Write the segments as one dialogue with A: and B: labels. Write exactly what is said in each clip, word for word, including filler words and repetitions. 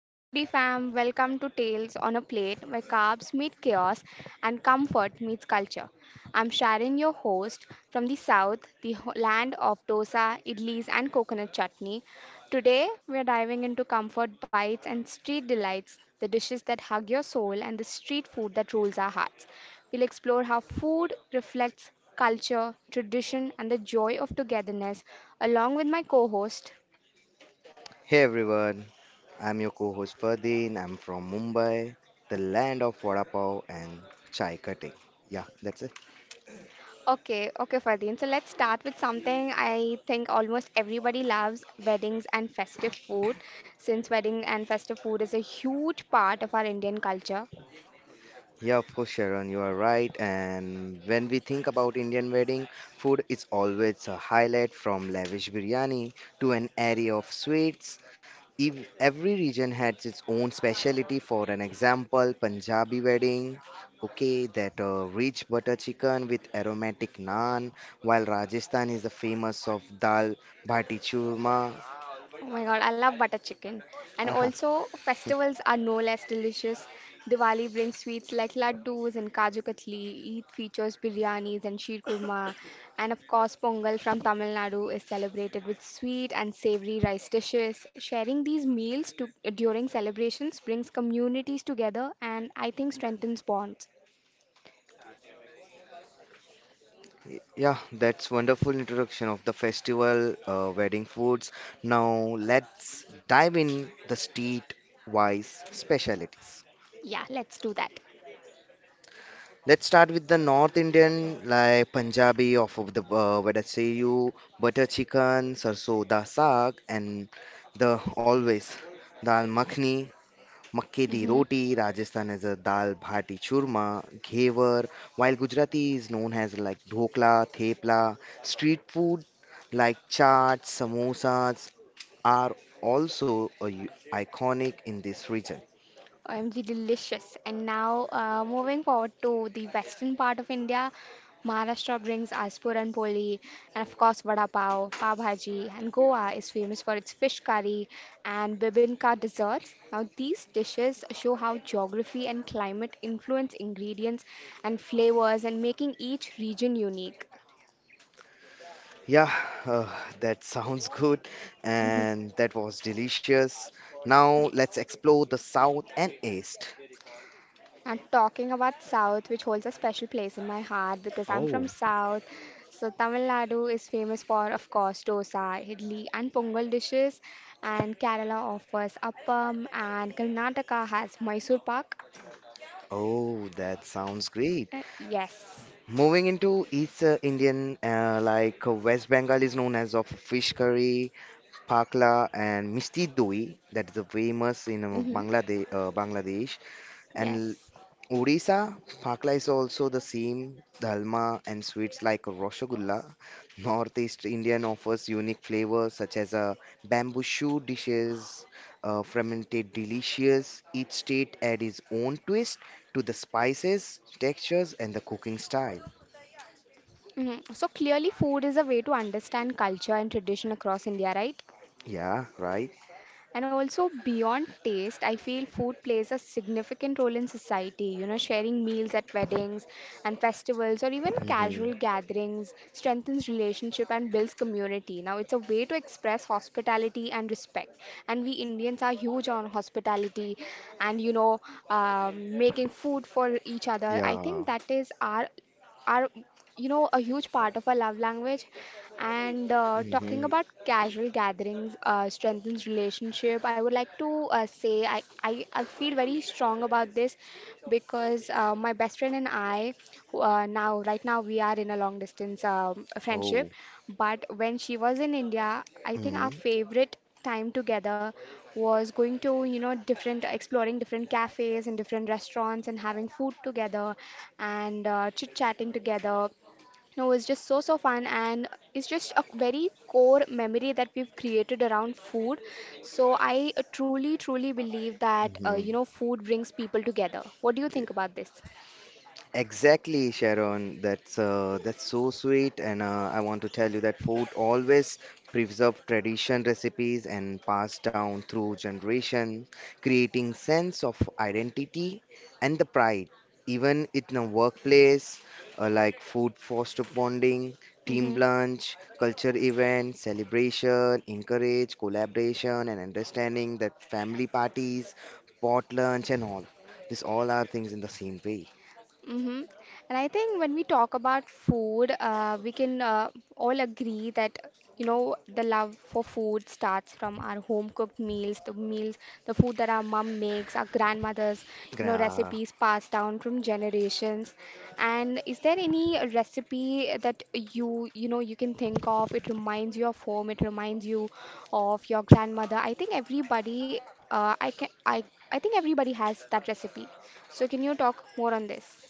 A: Hey foodie fam, welcome to Tales on a Plate where carbs meet chaos and comfort meets culture. I'm Sharon, your host from the south, the ho- land of dosa, idlis, and coconut chutney. Today, we're diving into comfort bites and street delights, the dishes that hug your soul and the street food that rules our hearts. We'll explore how food reflects culture, tradition, and the joy of togetherness, along with my co host.
B: Hey everyone, I'm your co-host Ferdin. I'm from Mumbai, the land of vada pav and chai cutting. Yeah, that's it.
A: Okay, okay, Fardeen. So let's start with something I think almost everybody loves weddings and festive food, since wedding and festive food is a huge part of our Indian culture.
B: Yeah, of course, Sharon, you are right. And when we think about Indian wedding food, it's always a highlight from lavish biryani to an array of sweets. Ev- Every region had its own specialty. For an example, Punjabi wedding, okay, that uh, rich butter chicken with aromatic naan, while Rajasthan is the famous of dal bhati churma.
A: Oh my God, I love butter chicken. And
B: Aha.
A: also, festivals are no less delicious. Diwali brings sweets like laddus and kaju katli. Eid features biryanis and sheer kurma. And of course, Pongal from Tamil Nadu is celebrated with sweet and savory rice dishes. Sharing these meals to, during celebrations brings communities together and I think strengthens bonds.
B: Yeah, that's wonderful introduction of the festival uh, wedding foods. Now let's dive in the street-wise specialties.
A: Yeah, let's do that.
B: Let's start with the North Indian, like Punjabi, of of the uh, vadaseyu, butter chicken, sarso da saag, and the always dal makhni, makke di
A: Hmm.
B: roti. Rajasthan is a dal bhati churma, ghevar, while Gujarati is known as like dhokla, thepla. Street food like chaat, samosas are also a u- iconic in this region.
A: O M G, delicious. And now, uh, moving forward to the western part of India, Maharashtra brings us Puran Poli, and of course, Vada Pav, Pav Bhaji, and Goa is famous for its fish curry and bibinka desserts. Now, these dishes show how geography and climate influence ingredients and flavors and making each region unique.
B: Yeah, uh, that sounds good and that was delicious. Now
A: Yes.
B: let's explore the south and east.
A: And talking about South, which holds a special place in my heart because I'm from
B: Oh,
A: South. So Tamil Nadu is famous for, of course, dosa, idli, and pongal dishes. And Kerala offers appam, and Karnataka has Mysore pak.
B: oh, that sounds great.
A: Uh, yes.
B: Moving into East uh, Indian, uh, like uh, West Bengal is known as of fish curry, pakla, and misti doi. That is a famous in uh,
A: Hmm.
B: Bangladesh, uh, Bangladesh, and
A: Yes.
B: Odisha, Phakla is also the same dalma and sweets like Rasgulla. Northeast Indian offers unique flavors such as uh, bamboo shoot dishes, uh, fermented delicious. Each state adds its own twist to the spices, textures, and the cooking style.
A: Hmm. So clearly, food is a way to understand culture and tradition across India, right?
B: Yeah, right.
A: And also, beyond taste, I feel food plays a significant role in society. You know, sharing meals at weddings and festivals or even
B: Mm-hmm.
A: casual gatherings strengthens relationship and builds community. Now, it's a way to express hospitality and respect. And we Indians are huge on hospitality and, you know, um, making food for each other. I
B: Yeah.
A: think that is our are you know a huge part of our love language and uh, talking
B: Mm-hmm.
A: about casual gatherings uh, strengthens relationship. I would like to uh, say I, I i feel very strong about this because uh, my best friend and I, who, uh, now right now we are in a long distance um, friendship,
B: Oh.
A: but when she was in India, I think
B: Mm-hmm.
A: our favorite time together was going to, you know, different, exploring different cafes and different restaurants and having food together and uh, chit-chatting together. No, it's just so, so fun, and it's just a very core memory that we've created around food. So I uh, truly, truly believe that, uh, you
B: Mm-hmm.
A: know, food brings people together. What do you think about this?
B: Exactly, Sharon. That's uh, that's so sweet, and uh, I want to tell you that food always preserve tradition recipes and passed down through generation, creating sense of identity and the pride. Even in a workplace, uh, like food foster bonding, team
A: Mm-hmm.
B: lunch, culture event, celebration, encourage collaboration and understanding that family parties, pot lunch and all. These all are things in the same way.
A: Mm-hmm. And I think when we talk about food, uh, we can uh, all agree that, you know, the love for food starts from our home cooked meals, the meals, the food that our mom makes, our grandmothers, you know,
B: Gra-
A: recipes passed down from generations. And is there any recipe that you, you know, you can think of? It reminds you of home, it reminds you of your grandmother. I think everybody, uh, I can, I, I think everybody has that recipe. So can you talk more on this?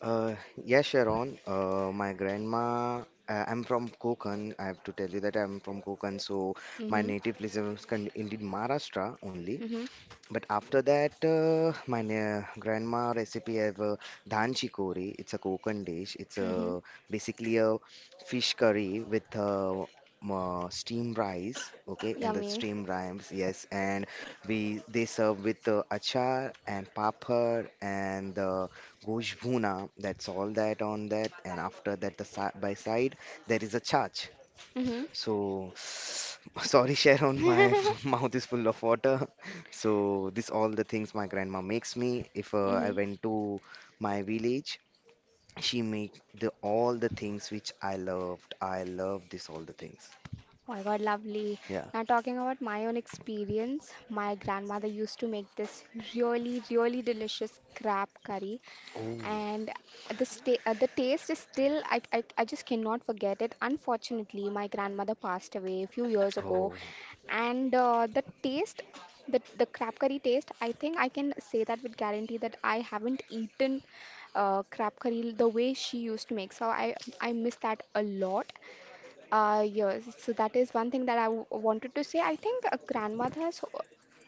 B: Uh, yeah, Sharon. Uh, my grandma. Uh, I'm from Konkan. I have to tell you that I'm from Konkan, so my
A: Mhm.
B: native place is con- indeed Maharashtra only.
A: Mhm.
B: But after that, uh, my na- grandma recipe have uh, dhan chikori. It's a Konkan dish. It's
A: Mhm.
B: a basically a fish curry with uh, m- uh, steamed rice. Okay, and the
A: Yummy.
B: steamed rice, yes. And we they serve with uh, achar and papad and the gosh bhuna. That's all that on that. And after that, the si by side there is a chaat.
A: Mhm.
B: So, sorry, Sharon, my mouth is full of water. So, this all the things my grandma makes me. If uh, I
A: Mhm.
B: went to my village, she make the all the things which I loved. I love this all the things.
A: Oh my God, lovely.
B: Yeah.
A: Now talking about my own experience, my grandmother used to make this really, really delicious crab curry
B: Oh.
A: and the sta- uh, the taste is still I, I I just cannot forget it. Unfortunately, my grandmother passed away a few years ago,
B: Oh.
A: and uh, the taste, the the crab curry taste, I think I can say that with guarantee that I haven't eaten uh, crab curry the way she used to make. So I I miss that a lot. Uh, yes, so that is one thing that I w- wanted to say. I think uh, grandmothers ho-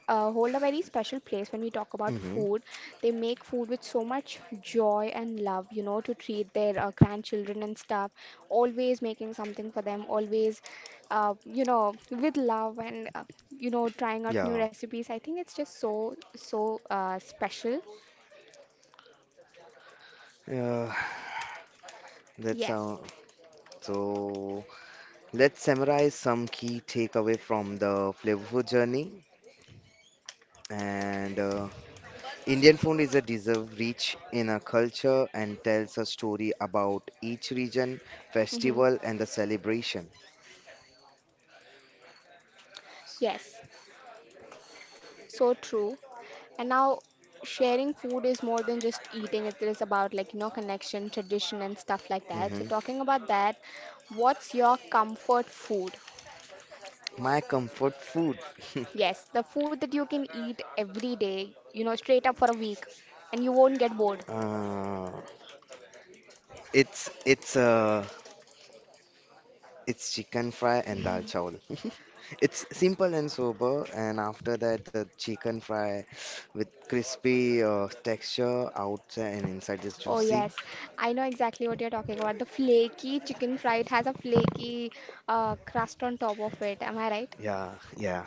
A: uh, hold a very special place when we talk about
B: Mm-hmm.
A: food. They make food with so much joy and love, you know, to treat their uh, grandchildren and stuff. Always making something for them, always, uh, you know, with love and, uh, you know, trying out new
B: Yeah.
A: recipes. I think it's just so, so uh, special.
B: Uh, that's uh,
A: Yes.
B: so. Let's summarize some key takeaway from the flavorful journey and. Uh, Indian food is a deserve rich in a culture and tells a story about each region,
A: Hmm.
B: festival, and the celebration.
A: Yes. So true. And now, sharing food is more than just eating. It is about like you know connection, tradition, and stuff like that. So
B: Mhm.
A: talking about that, what's your comfort food?
B: My comfort food,
A: Yes, the food that you can eat every day, you know, straight up for a week, and you won't get bored.
B: uh, it's it's uh, it's chicken fry and dal chawal. It's simple and sober, and after that, the chicken fry with crispy uh, texture outside and inside is
A: Oh
B: juicy.
A: yes, I know exactly what you're talking about. The flaky chicken fry. It has a flaky uh, crust on top of it. Am I right?
B: Yeah, yeah,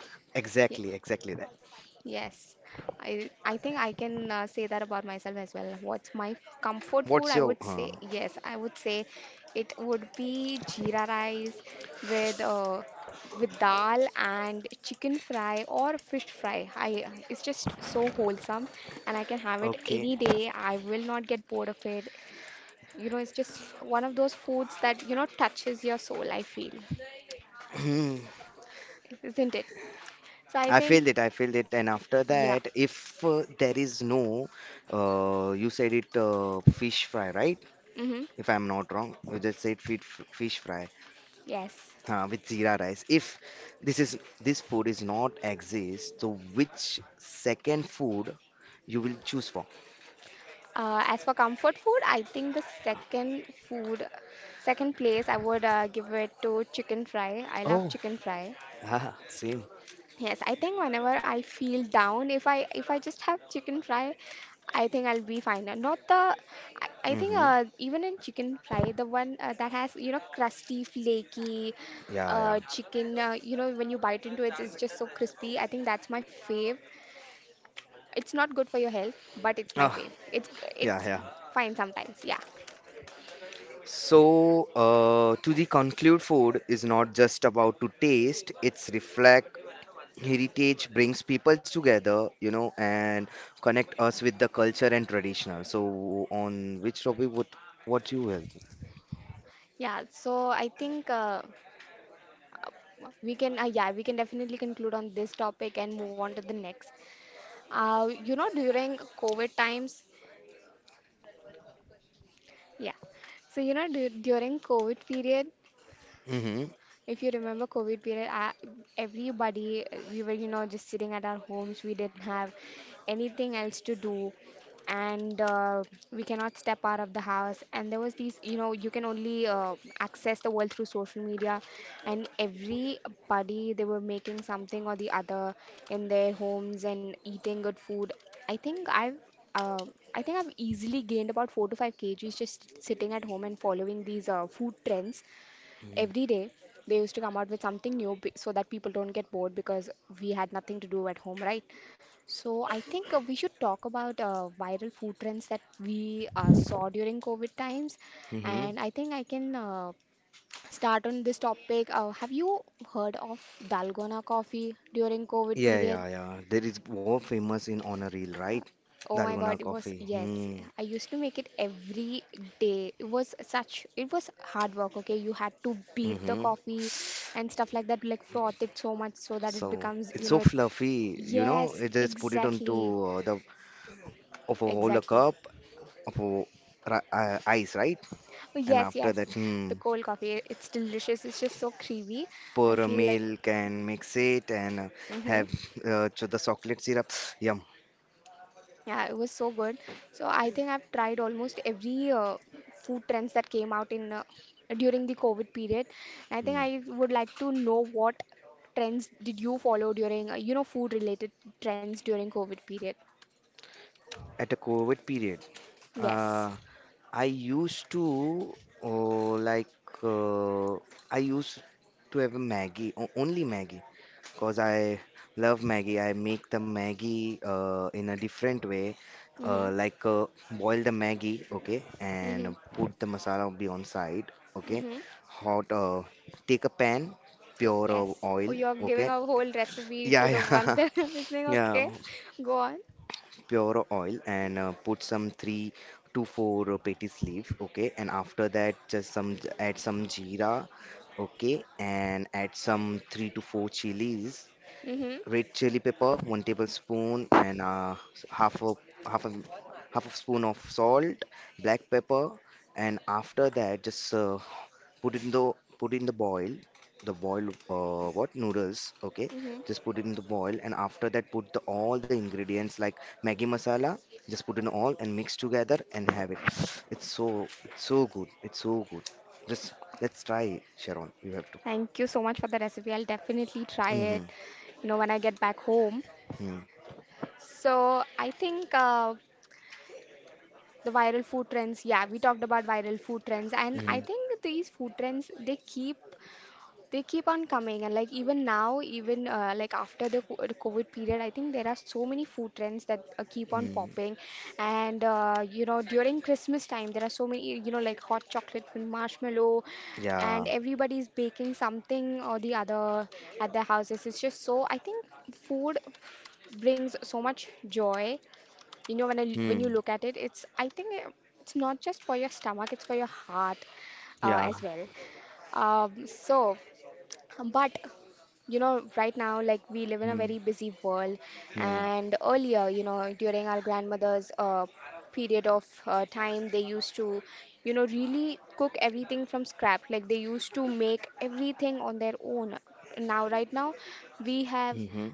A: Yeah.
B: exactly, exactly that.
A: Yes, I I think I can uh, say that about myself as well. What's my comfort food?
B: What's
A: I
B: your
A: would
B: uh,
A: say yes. I would say it would be jeera rice with uh, with dal and chicken fry or fish fry. I It's just so wholesome, and I can have it
B: okay?
A: any day. I will not get bored of it. You know, it's just one of those foods that you know touches your soul. I feel, isn't it? So I
B: I
A: think
B: feel it, I feel it. And after
A: yeah.
B: that, if uh, there is no, uh, you said it uh, fish fry, right?
A: Mm-hmm.
B: If I'm not wrong, you just said fit- fish fry
A: Yes.
B: uh, with zira rice. If this is this food is not exist, so which second food you will choose for?
A: Uh, as for comfort food, I think the second food, second place, I would uh, give it to chicken fry. I love
B: Oh,
A: chicken fry.
B: ah, same.
A: Yes, I think whenever I feel down, if I if I just have chicken fry, I think I'll be fine. Uh, Not the, I, I think
B: Mm-hmm.
A: uh, even in chicken fry, the one uh, that has you know crusty, flaky,
B: Yeah, yeah.
A: uh, chicken. Uh, you know when you bite into it, it's just so crispy. I think that's my fave. It's not good for your health, but it's my
B: Ah,
A: fave. It's
B: yeah,
A: it's
B: yeah.
A: fine sometimes. Yeah.
B: So, uh, to the conclude, food is not just about to taste, it's reflect heritage brings people together, you know, and connect us with the culture and traditional. So on which topic would what you will?
A: Yeah, so I think uh, we can, uh, yeah, we can definitely conclude on this topic and move on to the next. Uh, you know, during COVID times, yeah. So, you know, du during COVID period,
B: Mm-hmm.
A: if you remember COVID period, I, everybody, uh, we were, you know, just sitting at our homes. We didn't have anything else to do. And uh, we cannot step out of the house. And there was these, you know, you can only uh, access the world through social media. And everybody, they were making something or the other in their homes and eating good food. I think I've uh, I think I've easily gained about four to five kilograms just sitting at home and following these uh, food trends every day. They used to come out with something new, be- so that people don't get bored, because we had nothing to do at home, right? So I think uh, we should talk about uh, viral food trends that we uh, saw during COVID times,
B: Mm-hmm.
A: and I think I can uh, start on this topic. Uh, have you heard of dalgona coffee during COVID
B: Yeah,
A: period?
B: yeah, yeah. There is more famous in honor reel, right?
A: Oh my
B: Dalgona
A: God, it was,
B: coffee.
A: yes.
B: Hmm.
A: I used to make it every day. It was such, it was hard work, okay? You had to beat the
B: Mm-hmm.
A: coffee and stuff like that, like froth it so much so that it
B: So
A: becomes,
B: it's
A: you
B: so
A: know, it,
B: fluffy, you know.
A: yes,
B: You just put it
A: exactly,
B: onto uh, the of a whole
A: exactly.
B: cup of a, ri- uh, ice, right?
A: Oh,
B: And
A: yes,
B: after
A: yes.
B: that, hmm,
A: The cold coffee, it's delicious. It's just so creamy. I
B: pour a
A: feel like,
B: milk and mix it and uh,
A: mm-hmm.
B: have uh, cho- the chocolate syrup. Yum.
A: Yeah, it was so good. So I think I've tried almost every uh, food trends that came out in uh, during the COVID period. And I think
B: Mm.
A: I would like to know what trends did you follow during, uh, you know, food related trends during COVID period?
B: At a COVID period,
A: Yes.
B: uh, I used to oh, like uh, I used to have a Maggie, o- only Maggie, because I love Maggie. I make the Maggie uh, in a different way,
A: Mm-hmm.
B: uh, like uh, boil the Maggie, okay, and
A: Mm-hmm.
B: put the masala be on side, okay.
A: Mm-hmm.
B: Hot, uh, take a pan, pure uh,
A: Yes. Oh,
B: oil,
A: you're giving
B: okay.
A: a whole recipe
B: Yeah,
A: to the ones
B: yeah,
A: that are listening.
B: yeah.
A: Okay. Go on.
B: Pure oil and uh, put some three to four patties leaf, okay. And after that, just some add some jeera, okay, and add some three to four chilies,
A: Mm-hmm.
B: red chili pepper, one tablespoon, and uh, half a half a half a spoon of salt, black pepper, and after that, just uh, put in the put in the boil the boil uh, what noodles, okay,
A: Mm-hmm.
B: just put it in the boil and after that put the, all the ingredients like maggi masala, just put in all and mix together and have it. it's so it's so good, it's so good. Just let's try, Sharon, you have to.
A: Thank you so much for the recipe. I'll definitely try
B: Mm-hmm.
A: it, you know, when I get back home.
B: Hmm.
A: So I think uh, the viral food trends. Yeah, we talked about viral food trends, and I
B: Hmm.
A: think these food trends they keep they keep on coming, and like even now, even uh, like after the co- the COVID period, I think there are so many food trends that uh, keep on
B: Hmm.
A: popping, and uh, you know during Christmas time there are so many you know like hot chocolate with marshmallow, and
B: Yeah.
A: everybody's baking something or the other at their houses. It's just so I think food brings so much joy, you know, when I l- when
B: Hmm.
A: you look at it, it's I think uh, it's not just for your stomach, it's for your heart uh,
B: Yeah.
A: as well. Um, so, um, but you know, right now, like we live in a very
B: Hmm.
A: busy world,
B: Hmm.
A: and earlier, you know, during our grandmother's uh, period of uh, time, they used to, you know, really cook everything from scratch. Like they used to make everything on their own. Now, right now, we have
B: Hmm.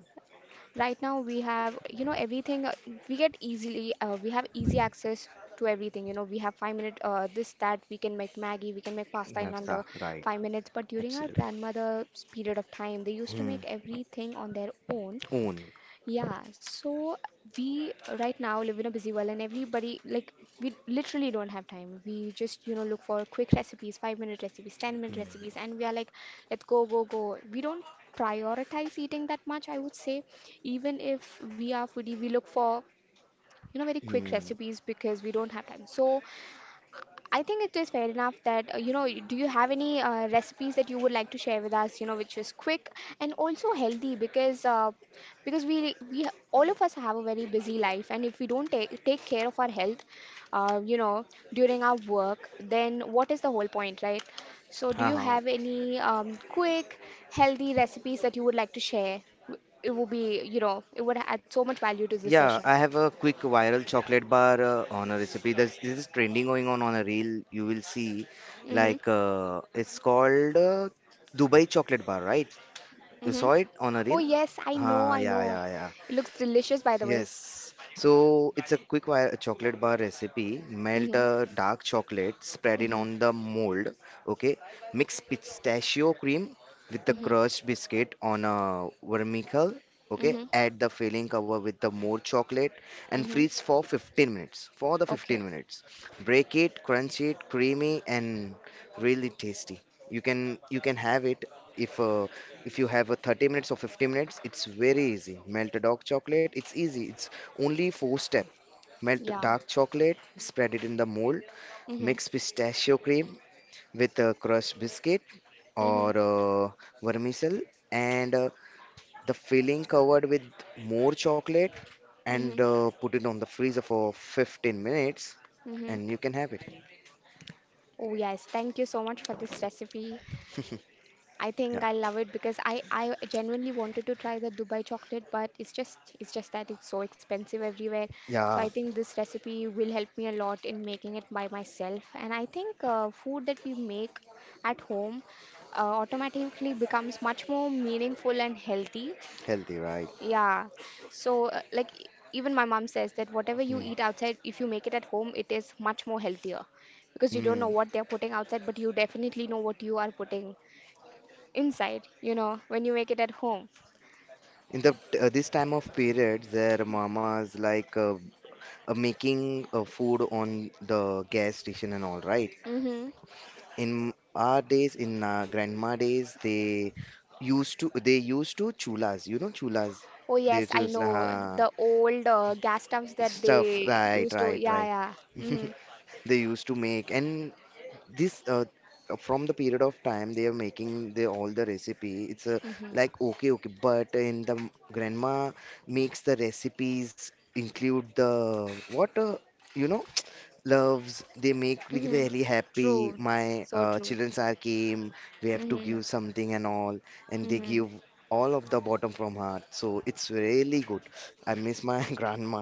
A: Right now we have, you know, everything uh, we get easily, uh, we have easy access to everything. You know, we have five minute uh, this, that, we can make Maggie, we can make pasta in under
B: Nafsa, right.
A: five minutes. But during our
B: Absolutely.
A: grandmother's period of time, they used to
B: Hmm.
A: make everything on their own.
B: Own.
A: Yeah, so we right now live in a busy world, and everybody like we literally don't have time. We just, you know, look for quick recipes, five minute recipes, ten minute
B: Hmm.
A: recipes, and we are like, let's go, go, go. We don't prioritize eating that much, I would say. Even if we are foodie, we look for, you know, very quick
B: Hmm.
A: recipes because we don't have time. So I think it is fair enough that, uh, you know, do you have any uh, recipes that you would like to share with us, you know, which is quick and also healthy because uh, because we we all of us have a very busy life, and if we don't take take care of our health, uh, you know, during our work, then what is the whole point, right? So
B: Ha
A: do you
B: ha.
A: have any um, quick, healthy recipes that you would like to share? W- It would be, you know, it would add so much value to this
B: Yeah,
A: session.
B: I have a quick viral chocolate bar uh, on a recipe. This, this is trending going on on a reel. You will see,
A: Mm-hmm.
B: like uh, it's called uh, Dubai chocolate bar, right? You
A: Mm-hmm.
B: saw it on a
A: Oh
B: reel?
A: yes, I know,
B: Ah,
A: I
B: yeah,
A: know.
B: yeah, yeah.
A: It looks delicious, by the way.
B: Yes. So it's a quick wire chocolate bar recipe. Melt
A: Mm-hmm.
B: a dark chocolate, spread it
A: Mm-hmm.
B: on the mold. Okay. Mix pistachio cream with the
A: Mm-hmm.
B: crushed biscuit on a vermicle. Okay.
A: Mm-hmm.
B: Add the filling cover with the more chocolate and
A: Mm-hmm.
B: freeze for fifteen minutes. For the
A: Okay.
B: fifteen minutes. Break it, crunch it, creamy and really tasty. You can you can have it if uh, if you have a thirty minutes or fifty minutes, it's very easy. Melt a dark chocolate, it's easy. It's only four step. Melt
A: Yeah.
B: dark chocolate, spread it in the mold,
A: Mm-hmm.
B: mix pistachio cream with a crushed biscuit
A: Mm-hmm.
B: or uh, vermicelli and uh, the filling covered with more chocolate and
A: Mm-hmm.
B: uh, put it on the freezer for fifteen minutes
A: Mm-hmm.
B: and you can have it.
A: Oh yes, thank you so much for this recipe. I think
B: Yeah.
A: I love it because I I genuinely wanted to try the Dubai chocolate, but it's just it's just that it's so expensive everywhere. So I
B: Yeah,
A: think this recipe will help me a lot in making it by myself. And I think uh, food that we make at home uh, automatically becomes much more meaningful and healthy.
B: healthy, right?
A: Yeah. So uh, like e- even my mom says that whatever you
B: Hmm.
A: eat outside, if you make it at home, it is much more healthier because you don't know
B: Hmm.
A: what they're putting outside, but you definitely know what you are putting inside, you know, when you make it at home.
B: In the uh, this time of period, their mamas like uh, uh, making uh, food on the gas station and all, right?
A: Mm-hmm.
B: In our days, in our grandma days, they used to they used to chulas, you know chulas.
A: Oh
B: They
A: yes, I
B: choose
A: know
B: uh,
A: the old uh, gas stumps that
B: stuff,
A: they
B: right,
A: used to.
B: right,
A: Yeah,
B: right.
A: yeah. Mhm.
B: They used to make and this uh, uh, from the period of time they are making the all the recipe, it's uh,
A: Mhm.
B: like okay okay, but in the m- grandma makes the recipes include the what uh, you know, loves they make me
A: Mm-hmm.
B: really happy.
A: True.
B: My
A: So
B: uh,
A: true.
B: childrens are came, we have to
A: Mhm.
B: give something and all, and they
A: Mhm.
B: give all of the bottom from heart, so it's really good. I miss my grandma.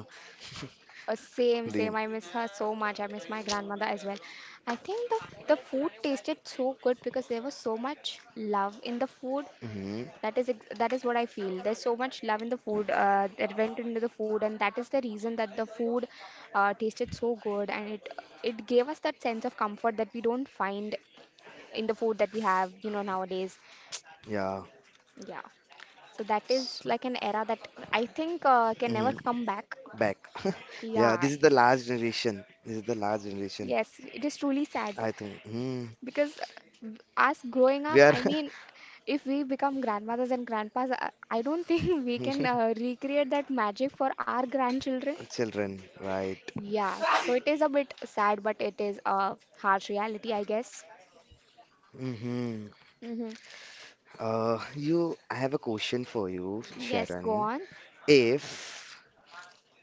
A: Uh, same,
B: They,
A: same. I miss her so much. I miss my grandmother as well. I think the the food tasted so good because there was so much love in the food.
B: hmm,
A: That is ex- that is what I feel. There's so much love in the food uh, that went into the food, and that is the reason that the food uh, tasted so good, and it it gave us that sense of comfort that we don't find in the food that we have, you know, nowadays.
B: yeah,
A: Yeah. So that is like an era that I think uh, can never come back.
B: back. Yeah,
A: Yeah.
B: this is the last generation. This is the last generation.
A: Yes, it is truly sad.
B: I think hmm,
A: Because as growing
B: we
A: up,
B: are
A: I mean, if we become grandmothers and grandpas, I I don't think we can uh, recreate that magic for our grandchildren.
B: children, right?
A: Yeah, so it is a bit sad, but it is a harsh reality, I guess.
B: Hmm.
A: Mm-hmm.
B: Uh, you, I have a question for you,
A: Yes, go
B: Sharon.
A: on.
B: If,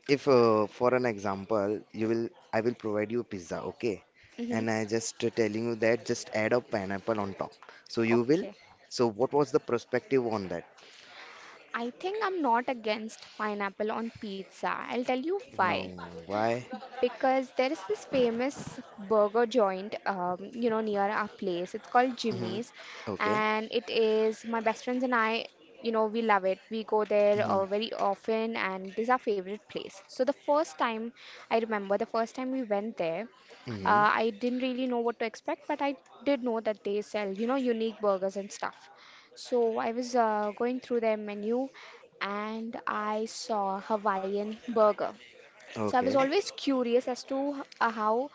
B: if uh, for an example, you will, I will provide you pizza, okay?
A: Mm-hmm.
B: And I just uh, telling you that just add a pineapple on top. So you will.
A: Okay.
B: So what was the perspective on that?
A: I think I'm not against pineapple on pizza. I'll tell you
B: No,
A: why,
B: why?
A: because there is this famous burger joint, um, you know, near our place. It's called
B: Hmm.
A: Jimmy's,
B: Okay.
A: and it is my best friends and I. You know, we love it. We go there
B: Hmm.
A: uh, very often, and it is our favorite place. So the first time I remember, the first time we went there,
B: Hmm.
A: uh, I didn't really know what to expect, but I did know that they sell, you know, unique burgers and stuff. So I was uh, going through their menu and I saw Hawaiian burger. So I was
B: Okay.
A: always curious as to h- uh, how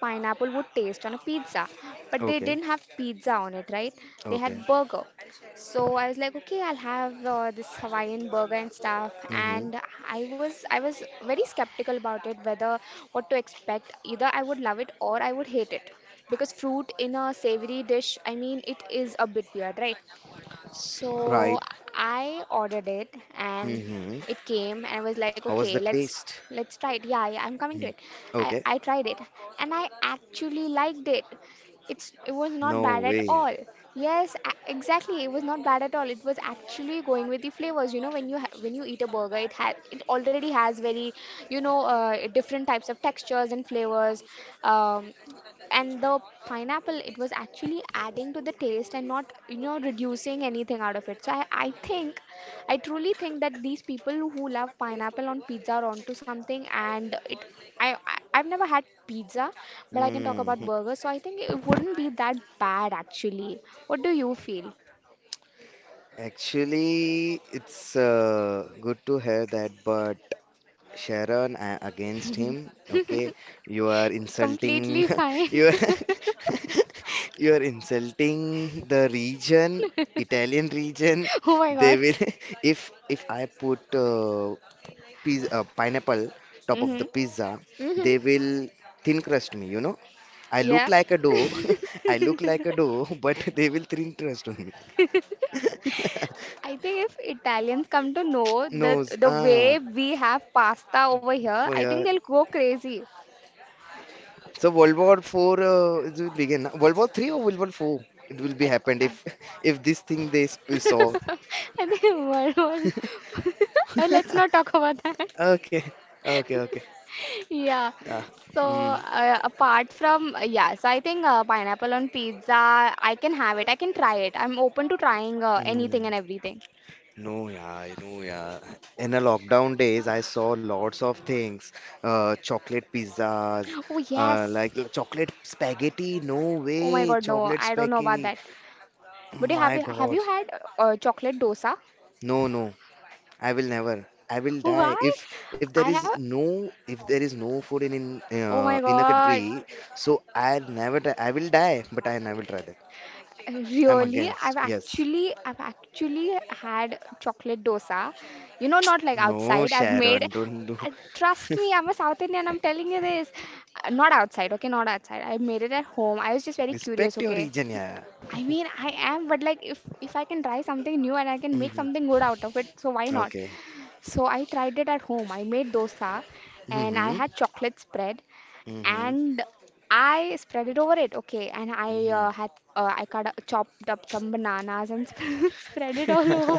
A: pineapple would taste on a pizza. But they
B: Okay.
A: didn't have pizza on it, right? They
B: Okay.
A: had burger. So I was like, okay, I'll have uh, this Hawaiian burger and stuff.
B: Mm-hmm.
A: And I was I was very skeptical about it, whether what to expect. Either I would love it or I would hate it. Because fruit in a savory dish, I mean, it is a bit weird, right? So
B: Right.
A: I ordered it and
B: Mm-hmm.
A: it came and I was like,
B: How was
A: okay,
B: the
A: let's
B: taste?
A: let's try it. Yeah, yeah, I'm coming to
B: Mm.
A: it. I
B: Okay.
A: I tried it and I actually liked it. It's it was not bad
B: No
A: at
B: way.
A: all. Yes a- exactly, it was not bad at all. It was actually going with the flavors, you know, when you ha- when you eat a burger, it has, it already has very, you know, uh, different types of textures and flavors, um, and the pineapple, it was actually adding to the taste and not, you know, reducing anything out of it. So i, I think I truly think that these people who love pineapple on pizza are onto something, and it. I, I I've never had pizza, but I can talk about
B: Mm-hmm.
A: burgers, so I think it wouldn't be that bad actually. What do you feel?
B: Actually, it's uh, good to hear that, but Sharon, uh, against him, okay, you are insulting,
A: Completely fine.
B: you are, you are insulting the region, Italian region.
A: Oh my
B: They
A: god.
B: will, if if I put uh, piz- uh, pineapple top of the
A: Mm-hmm.
B: pizza,
A: Hmm.
B: they will thin crust me, you know. I
A: Yeah.
B: look like a dough, I look like a dough, but they will thin crust on me.
A: I think if Italians come to know the
B: Nose,
A: the
B: ah,
A: way we have pasta over here,
B: boy,
A: I think
B: yeah.
A: they'll go crazy.
B: So World War Four uh, it will begin. Na? World War Three or World War Four? It will be
A: I,
B: happened
A: I,
B: if if this thing they s- we saw.
A: I think world wars. Let's not talk about that.
B: Okay, okay, okay.
A: Yeah.
B: Yeah.
A: So
B: Mm,
A: uh, apart from uh, yeah, so I think uh, pineapple on pizza, I can have it. I can try it. I'm open to trying uh, anything
B: mm.
A: and everything.
B: No, yeah, I know, yeah. In the lockdown days, I saw lots of things, uh, chocolate pizzas,
A: Oh
B: uh,
A: yes.
B: like l- chocolate spaghetti. No
A: Oh my
B: way,
A: God, no,
B: chocolate
A: I don't know about
B: spaghetti.
A: that. But you have
B: My
A: you have you
B: God,
A: had uh, chocolate dosa?
B: no, no, I will never. I will die
A: Why?
B: if if there
A: I
B: is
A: have.
B: no, if there is no food in in
A: Oh
B: uh,
A: my
B: in a country.
A: God.
B: So I never die. I will die, but I never try that. I'm
A: Really,
B: against.
A: I've
B: Yes.
A: actually, I've actually had chocolate dosa. You know, not like
B: No,
A: outside. I've made.
B: Sharon, don't do.
A: uh, Trust me, I'm a South Indian. I'm telling you this. Uh, Not outside, okay? Not outside. I made it at home. I was just very curious,
B: Respect your
A: okay?
B: region, yeah.
A: I mean, I am, but like, if if I can try something new and I can make something good out of it, so why not?
B: Okay.
A: So I tried it at home. I made dosa, and I
B: Mm-hmm.
A: had chocolate spread,
B: Mm-hmm.
A: and I spread it over it. Okay, and I
B: Mm-hmm.
A: uh, had, uh, I cut up, chopped up some bananas and spread it all over,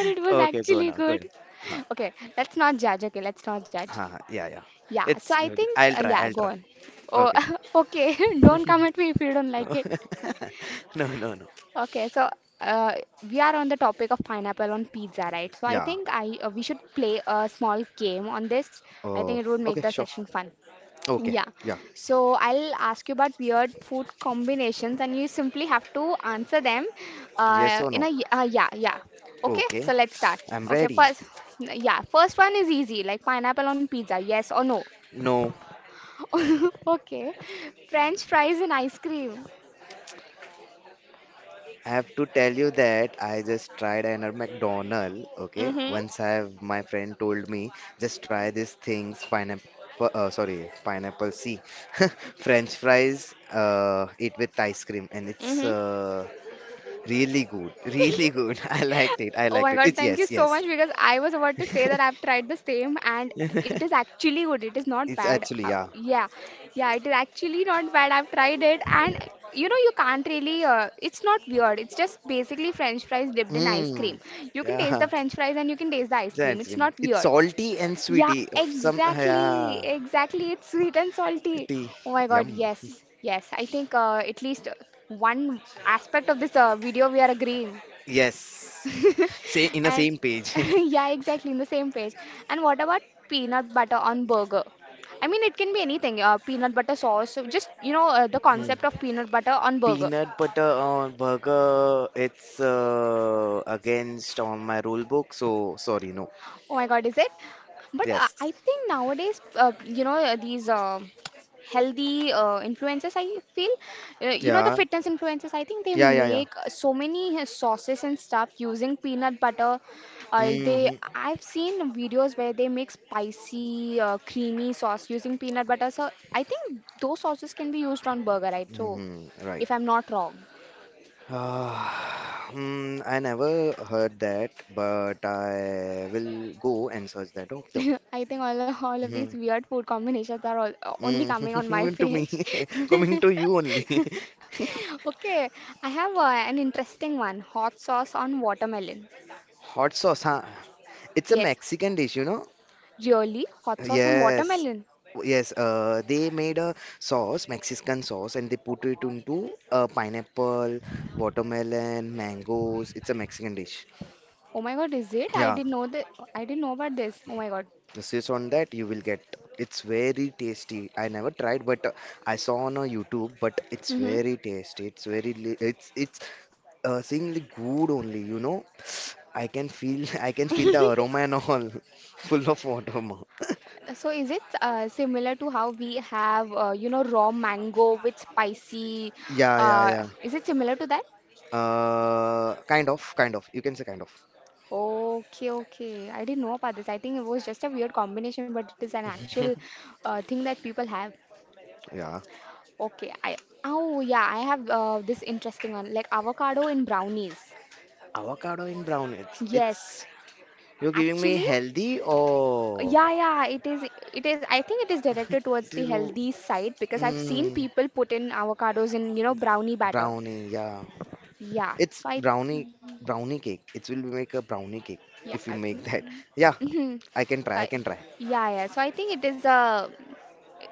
A: and it was
B: Okay, go
A: actually
B: now. Go now.
A: good.
B: Huh.
A: Okay, let's not judge. Okay, let's not judge.
B: Huh. Huh. Yeah, yeah.
A: Yeah, so
B: It's
A: I
B: good.
A: think
B: I'll
A: uh,
B: try.
A: yeah,
B: I'll
A: go
B: try.
A: on. Oh,
B: Okay.
A: okay. Don't come at me if you don't
B: No.
A: like it.
B: No, no, no.
A: Okay, so uh, we are on the topic of pineapple on pizza, right? So I
B: Yeah.
A: think I uh, we should play a small game on this. I think
B: Oh,
A: it would make
B: okay,
A: the
B: sure.
A: session fun.
B: Okay.
A: Yeah.
B: Yeah.
A: So I'll ask you about weird food combinations, and you simply have to answer them
B: Yes
A: uh,
B: or
A: in
B: no?
A: a y- uh, yeah, yeah. Okay,
B: Okay.
A: so let's start.
B: I'm
A: Okay,
B: ready.
A: first, yeah, first one is easy, like pineapple on pizza, yes or no.
B: No.
A: Okay, French fries and ice cream.
B: I have to tell you that I just tried another McDonald. Okay,
A: Mm-hmm.
B: once I have my friend told me just try these things pineapple. Uh, sorry, pineapple C, French fries. Uh, eat with ice cream, and it's
A: Mm-hmm.
B: uh, really good, really good. I liked it. I
A: Oh
B: liked
A: my
B: it.
A: god,
B: It's
A: thank you
B: yes,
A: so much
B: yes.
A: because I was about to say that I've tried the same and it is actually good. It is not
B: It's
A: bad.
B: actually
A: Uh,
B: yeah.
A: yeah, yeah, it is actually not bad. I've tried it and you know, you can't really, uh, it's not weird. It's just basically french fries dipped in ice cream.
B: Mm,
A: You can taste the
B: yeah,
A: french fries and you can taste the ice
B: it's an
A: cream.
B: ice
A: It's
B: cream.
A: not
B: It's
A: weird.
B: salty and
A: Yeah,
B: sweety. Some
A: exactly.
B: yeah,
A: Exactly. It's sweet and salty.
B: tea.
A: Oh my god,
B: Yum.
A: yes, yes. I think uh, at least one aspect of this uh, video we are agreeing.
B: Yes. Say in the
A: And
B: same page.
A: yeah, exactly in the same page. And what about peanut butter on burger? I mean, it can be anything. Uh, peanut butter sauce. So just, you know, uh, the
B: Mm.
A: concept of peanut butter on burger.
B: Peanut butter on burger, it's uh, against on my rule book, so sorry, no.
A: Oh my God, is it? But uh,
B: Yes.
A: I think nowadays, uh, you know, uh, these. Um healthy uh, influencers I feel uh, you know, the
B: Yeah.
A: fitness influencers, I think they
B: Yeah, yeah, yeah.
A: make uh, so many uh, sauces and stuff using peanut butter. Uh, they
B: hmm
A: I've seen videos where they make spicy uh, creamy sauce using peanut butter. So I think those sauces can be used on burger, right? So
B: hmm Right.
A: if I'm not wrong.
B: Ah, hmm, I never heard that, but I will go and search that. Okay.
A: I think all, all of
B: Mm-hmm.
A: these weird food combinations are all, uh, only
B: mm
A: coming on my
B: To me,
A: page.
B: coming to you only.
A: Okay, I have uh, an interesting one. Hot sauce on watermelon.
B: Hot sauce, huh? It's a
A: Yes.
B: Mexican dish, you know?
A: Really? Hot sauce on
B: Yes,
A: watermelon?
B: yes. Uh, they made a sauce, Mexican sauce, and they put it into uh, pineapple, watermelon, mangoes. It's a Mexican dish.
A: Oh my god, is it? I
B: Yeah,
A: didn't know that. I didn't know about this. Oh my god.
B: this is on that you will get. It's very tasty. I never tried, but uh, I saw on uh, YouTube. But it's
A: Mm-hmm.
B: very tasty. It's very. li- It's it's uh, seemingly good only. You know, I can feel I can feel the aroma and all, full of water. Ma.
A: So is it uh, similar to how we have, uh, you know, raw mango with spicy?
B: Yeah, yeah,
A: Uh,
B: yeah.
A: is it similar to that?
B: Uh, kind of, kind of. You can say kind of.
A: Okay, okay. I didn't know about this. I think it was just a weird combination, but it is an actual uh, thing that people have.
B: Yeah.
A: Okay, I oh yeah, I have uh, this interesting one, like avocado in brownies.
B: Avocado in brown. It's
A: Yes,
B: it's. You're giving me
A: actually.
B: healthy or
A: Yeah, yeah, it is. It is. I think it is directed towards
B: did
A: the
B: you-
A: healthy side because I've seen
B: mm,
A: people put in avocados in, you know, brownie batter.
B: brownie? Yeah.
A: Yeah.
B: It's
A: So I,
B: brownie brownie cake. It will make a brownie cake
A: yeah.
B: if you
A: I-
B: make that. Yeah,
A: mhm.
B: I can
A: So
B: try. I
A: I,
B: can try.
A: yeah, yeah. So I think it is a.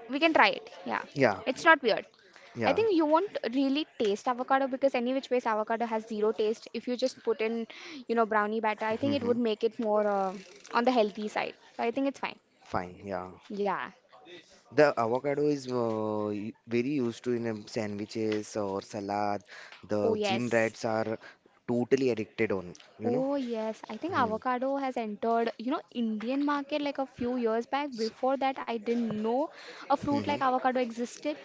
A: We can try it. Yeah.
B: Yeah,
A: It's not weird. I
B: yeah.
A: think you won't really taste avocado because any which ways avocado has zero taste. If you just put in, you know, brownie batter, I think it
B: hmm
A: would make it more uh, on the healthy side. So I think it's fine.
B: Fine. Yeah.
A: Yeah.
B: The avocado is uh, y- very used to in um, sandwiches or salad.
A: Oh
B: The gym
A: yes.
B: rats are totally addicted on. You know.
A: Oh yes, I think
B: Mm-hmm.
A: avocado has entered, you know, Indian market like a few years back. Before that, I didn't know a fruit
B: hmm
A: like avocado existed,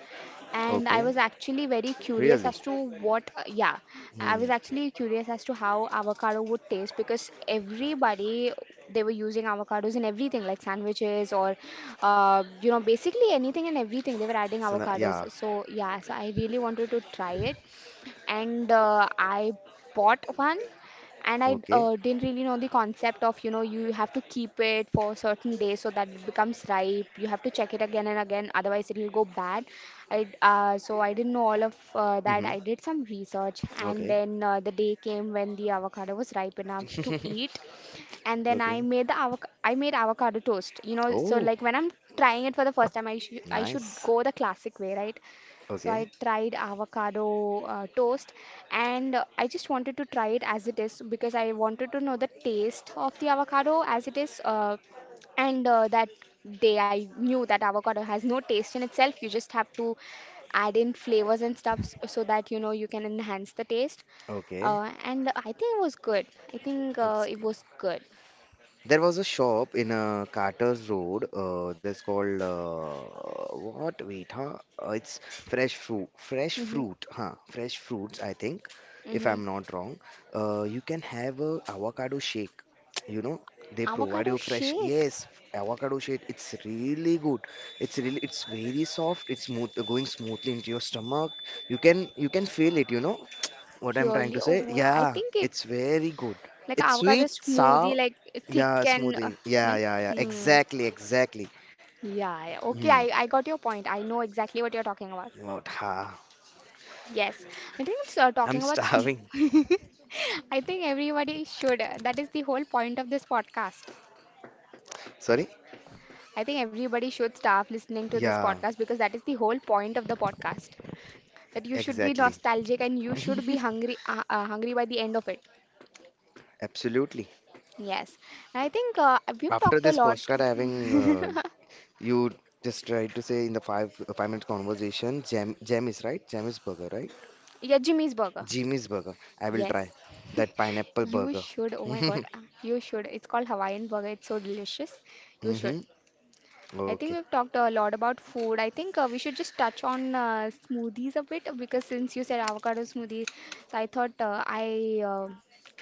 A: and I
B: Okay.
A: was actually very curious
B: Really?
A: as to what, uh, yeah, I was
B: Mm.
A: actually curious as to how avocado would taste because everybody they were using avocados in everything like sandwiches or, uh, you know, basically anything and everything they were adding
B: So na-
A: avocados.
B: yeah.
A: So yeah, so I really wanted to try it, and uh, I bought one and I
B: Okay.
A: uh, didn't really know the concept of, you know, you have to keep it for certain days so that it becomes ripe. You have to check it again and again, otherwise it will go bad. I uh, so I didn't know all of uh, that.
B: hmm
A: I did some research and
B: Okay.
A: then uh, the day came when the avocado was ripe enough to eat, and then I
B: Okay.
A: made the avoc I made avocado toast. You know, so
B: Oh,
A: like when I'm trying it for the first time, I should I should
B: nice.
A: go the classic way, right? So I
B: Okay.
A: tried avocado uh, toast, and uh, I just wanted to try it as it is because I wanted to know the taste of the avocado as it is. Uh, and uh, That day I knew that avocado has no taste in itself. You just have to add in flavors and stuff s- so that, you know, you can enhance the taste.
B: Okay.
A: Uh, and I think it was good. I think uh,
B: That's
A: it was good.
B: there was a shop in uh, Carter's Road. Uh, that's called uh, what? Wait, huh? Uh, it's fresh fruit. Fresh
A: Mm-hmm.
B: fruit, huh? Fresh fruits, I think, if
A: Mm-hmm.
B: I'm not wrong. Uh, you can have a avocado shake. You know, they provide
A: Avocado
B: you fresh.
A: shake,
B: Yes, avocado shake. It's really good. It's really. It's very soft. It's smooth, going smoothly into your stomach. You can you can feel it. You know, what I'm trying
A: really?
B: to say,
A: Oh, I
B: yeah,
A: think it.
B: it's very good.
A: Like
B: It's
A: avocado
B: sweet,
A: smoothie,
B: sour,
A: like thick
B: yeah,
A: and uh,
B: smoothie. Yeah,
A: and-
B: yeah, yeah.
A: hmm.
B: Exactly, exactly.
A: Yeah, yeah. Okay,
B: Hmm.
A: I, I got your point. I know exactly what you're talking about.
B: What? Ha.
A: Yes. I think it's uh,
B: I'm
A: talking about sm
B: starving.
A: I think everybody should. uh, That is the whole point of this podcast.
B: Sorry?
A: I think everybody should start listening to this
B: Yeah,
A: podcast because that is the whole point of the podcast. That you should be
B: exactly.
A: nostalgic and you should be hungry, uh, uh, hungry by the end of it.
B: Absolutely.
A: Yes. And I think uh, we've
B: After
A: talked a
B: this
A: lot.
B: postcard having uh, you just tried to say in the five uh, five minute conversation, jam jam is right, jam is burger, right?
A: Yeah, Jimmy's Burger.
B: Jimmy's burger. I will try
A: Yes.
B: that pineapple
A: You
B: burger.
A: should. Oh my God, uh, you should. It's called Hawaiian burger. It's so delicious. You
B: Mm-hmm.
A: should. I
B: Okay.
A: think we've talked a lot about food. I think uh, we should just touch on uh, smoothies a bit because since you said avocado smoothie, so I thought uh, I uh,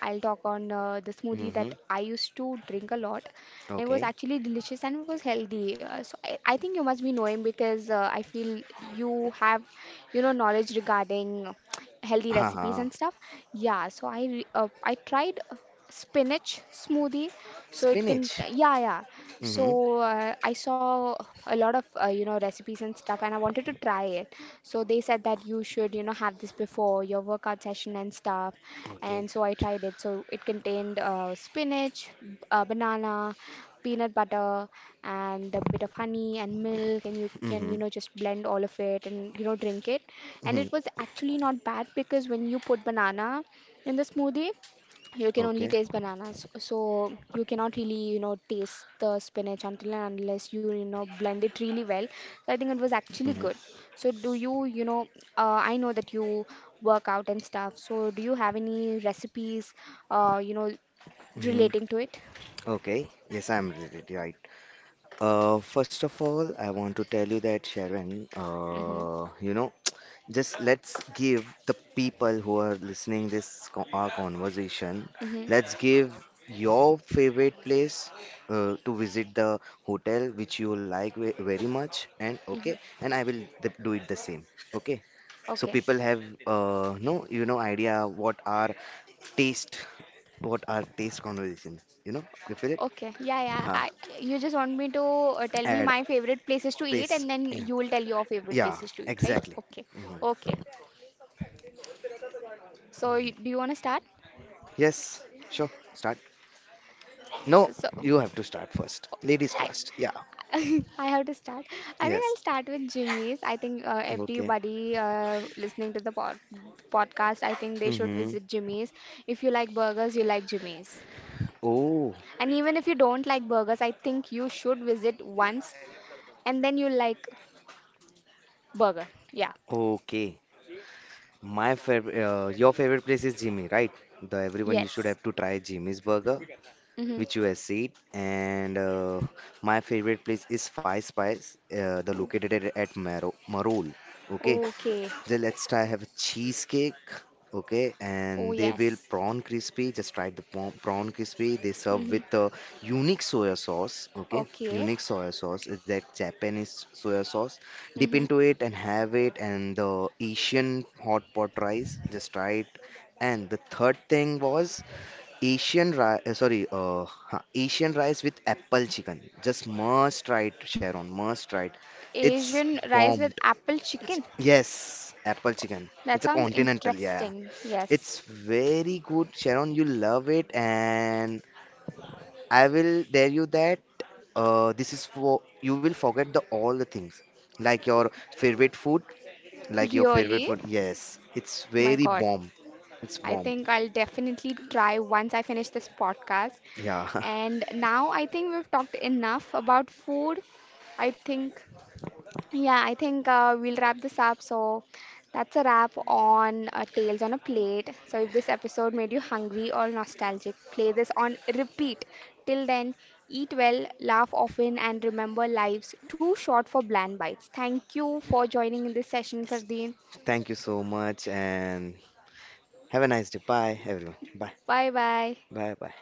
A: I'll talk on uh, the smoothie
B: Mm-hmm.
A: that I used to drink a lot. It was
B: Okay.
A: actually delicious and it was healthy. Uh, so I, I think you must be knowing because uh, I feel you have, you know, knowledge regarding healthy
B: Ha ha.
A: recipes and stuff. Yeah, so I re- uh, I tried spinach smoothie, so it can,
B: Spinach.
A: yeah, yeah.
B: Mm-hmm.
A: So uh, I saw a lot of uh, you know, recipes and stuff, and I wanted to try it. So they said that you should, you know, have this before your workout session and stuff,
B: Okay.
A: and so I tried it. So it contained uh, spinach b- uh, banana, peanut butter, and a bit of honey and milk, and you can,
B: Mm-hmm.
A: you know, just blend all of it and, you know, drink it. And
B: Mm-hmm.
A: it was actually not bad because when you put banana in the smoothie, you can only
B: Okay.
A: taste bananas, so you cannot really, you know, taste the spinach until and unless you, you know, blend it really well. So I think it was actually
B: Mm-hmm.
A: good. So do you, you know, uh, I know that you work out and stuff, so do you have any recipes, uh, you know
B: Mm-hmm.
A: relating to it?
B: Okay. Yes, I'm really right. Uh, first of all, I want to tell you that Sharon,
A: Mm-hmm.
B: uh, you know, just let's give the people who are listening this co- our conversation,
A: Mm-hmm.
B: let's give your favorite place uh, to visit the hotel which you like ve- very much and okay,
A: Mm-hmm.
B: and I will th- do it the same, okay, so
A: Okay.
B: people have uh, no, you know, idea what are taste, what are taste conversation, you know, you feel it,
A: Okay. Yeah, yeah.
B: huh.
A: I, you just want me to uh, tell me
B: Add
A: my favorite places to eat,
B: place,
A: and then
B: yeah,
A: you will tell your favorite
B: yeah,
A: places to eat, right?
B: exactly.
A: Okay.
B: Mhm.
A: Okay. So, you, do you want to start?
B: Yes, sure, start. No,
A: So,
B: you have to start first. Ladies
A: I
B: first. Yeah,
A: I have to start. I think
B: yes,
A: I'll start with Jimmy's. I think uh,
B: okay.
A: everybody uh, listening to the pod podcast, I think they should
B: Mm-hmm.
A: visit Jimmy's. If you like burgers, you like Jimmy's.
B: Oh,
A: And even if you don't like burgers, I think you should visit once and then you like burger. Yeah.
B: okay. My favorite, uh, your favorite place is Jimmy, right? The everyone you should
A: Yes.
B: have to try Jimmy's burger
A: Mm-hmm.
B: which you have seen. And uh, my favorite place is Five Spice, uh, the located at, at Maro Marol. Okay,
A: Okay.
B: so let's try have a cheesecake. Okay,
A: Oh,
B: and they will
A: yes.
B: prawn crispy. Just try the prawn prawn crispy. They serve
A: Mm-hmm.
B: with a unique soya sauce. Okay,
A: Okay.
B: unique soya sauce is that Japanese soya sauce. Dip
A: Mm-hmm.
B: into it and have it, and the Asian hot pot rice. Just try it. And the third thing was Asian rice, uh, sorry, uh, huh, Asian rice with apple chicken. Just must try it, Sharon. Must try it. It's
A: Asian rice with
B: bombed.
A: apple chicken.
B: Yes, apple chicken.
A: That
B: It's a
A: sounds
B: continental. Yeah,
A: interesting. Yes.
B: it's very good, Sharon. You love it, and I will dare you that uh, this is for you will forget the all the things like your favorite food, like your favorite
A: Really?
B: food. Yes, it's
A: My
B: very
A: God.
B: bomb. It's
A: I
B: bomb.
A: think I'll definitely try once I finish this podcast.
B: Yeah.
A: And now I think we've talked enough about food. I think, yeah, I think uh, we'll wrap this up. So that's a wrap on uh, Tales on a Plate. So if this episode made you hungry or nostalgic, play this on repeat. Till then, eat well, laugh often, and remember life's too short for bland bites. Thank you for joining in this session, Fardeen.
B: Thank you so much, and have a nice day. Bye, everyone. Bye.
A: Bye bye.
B: Bye. Bye.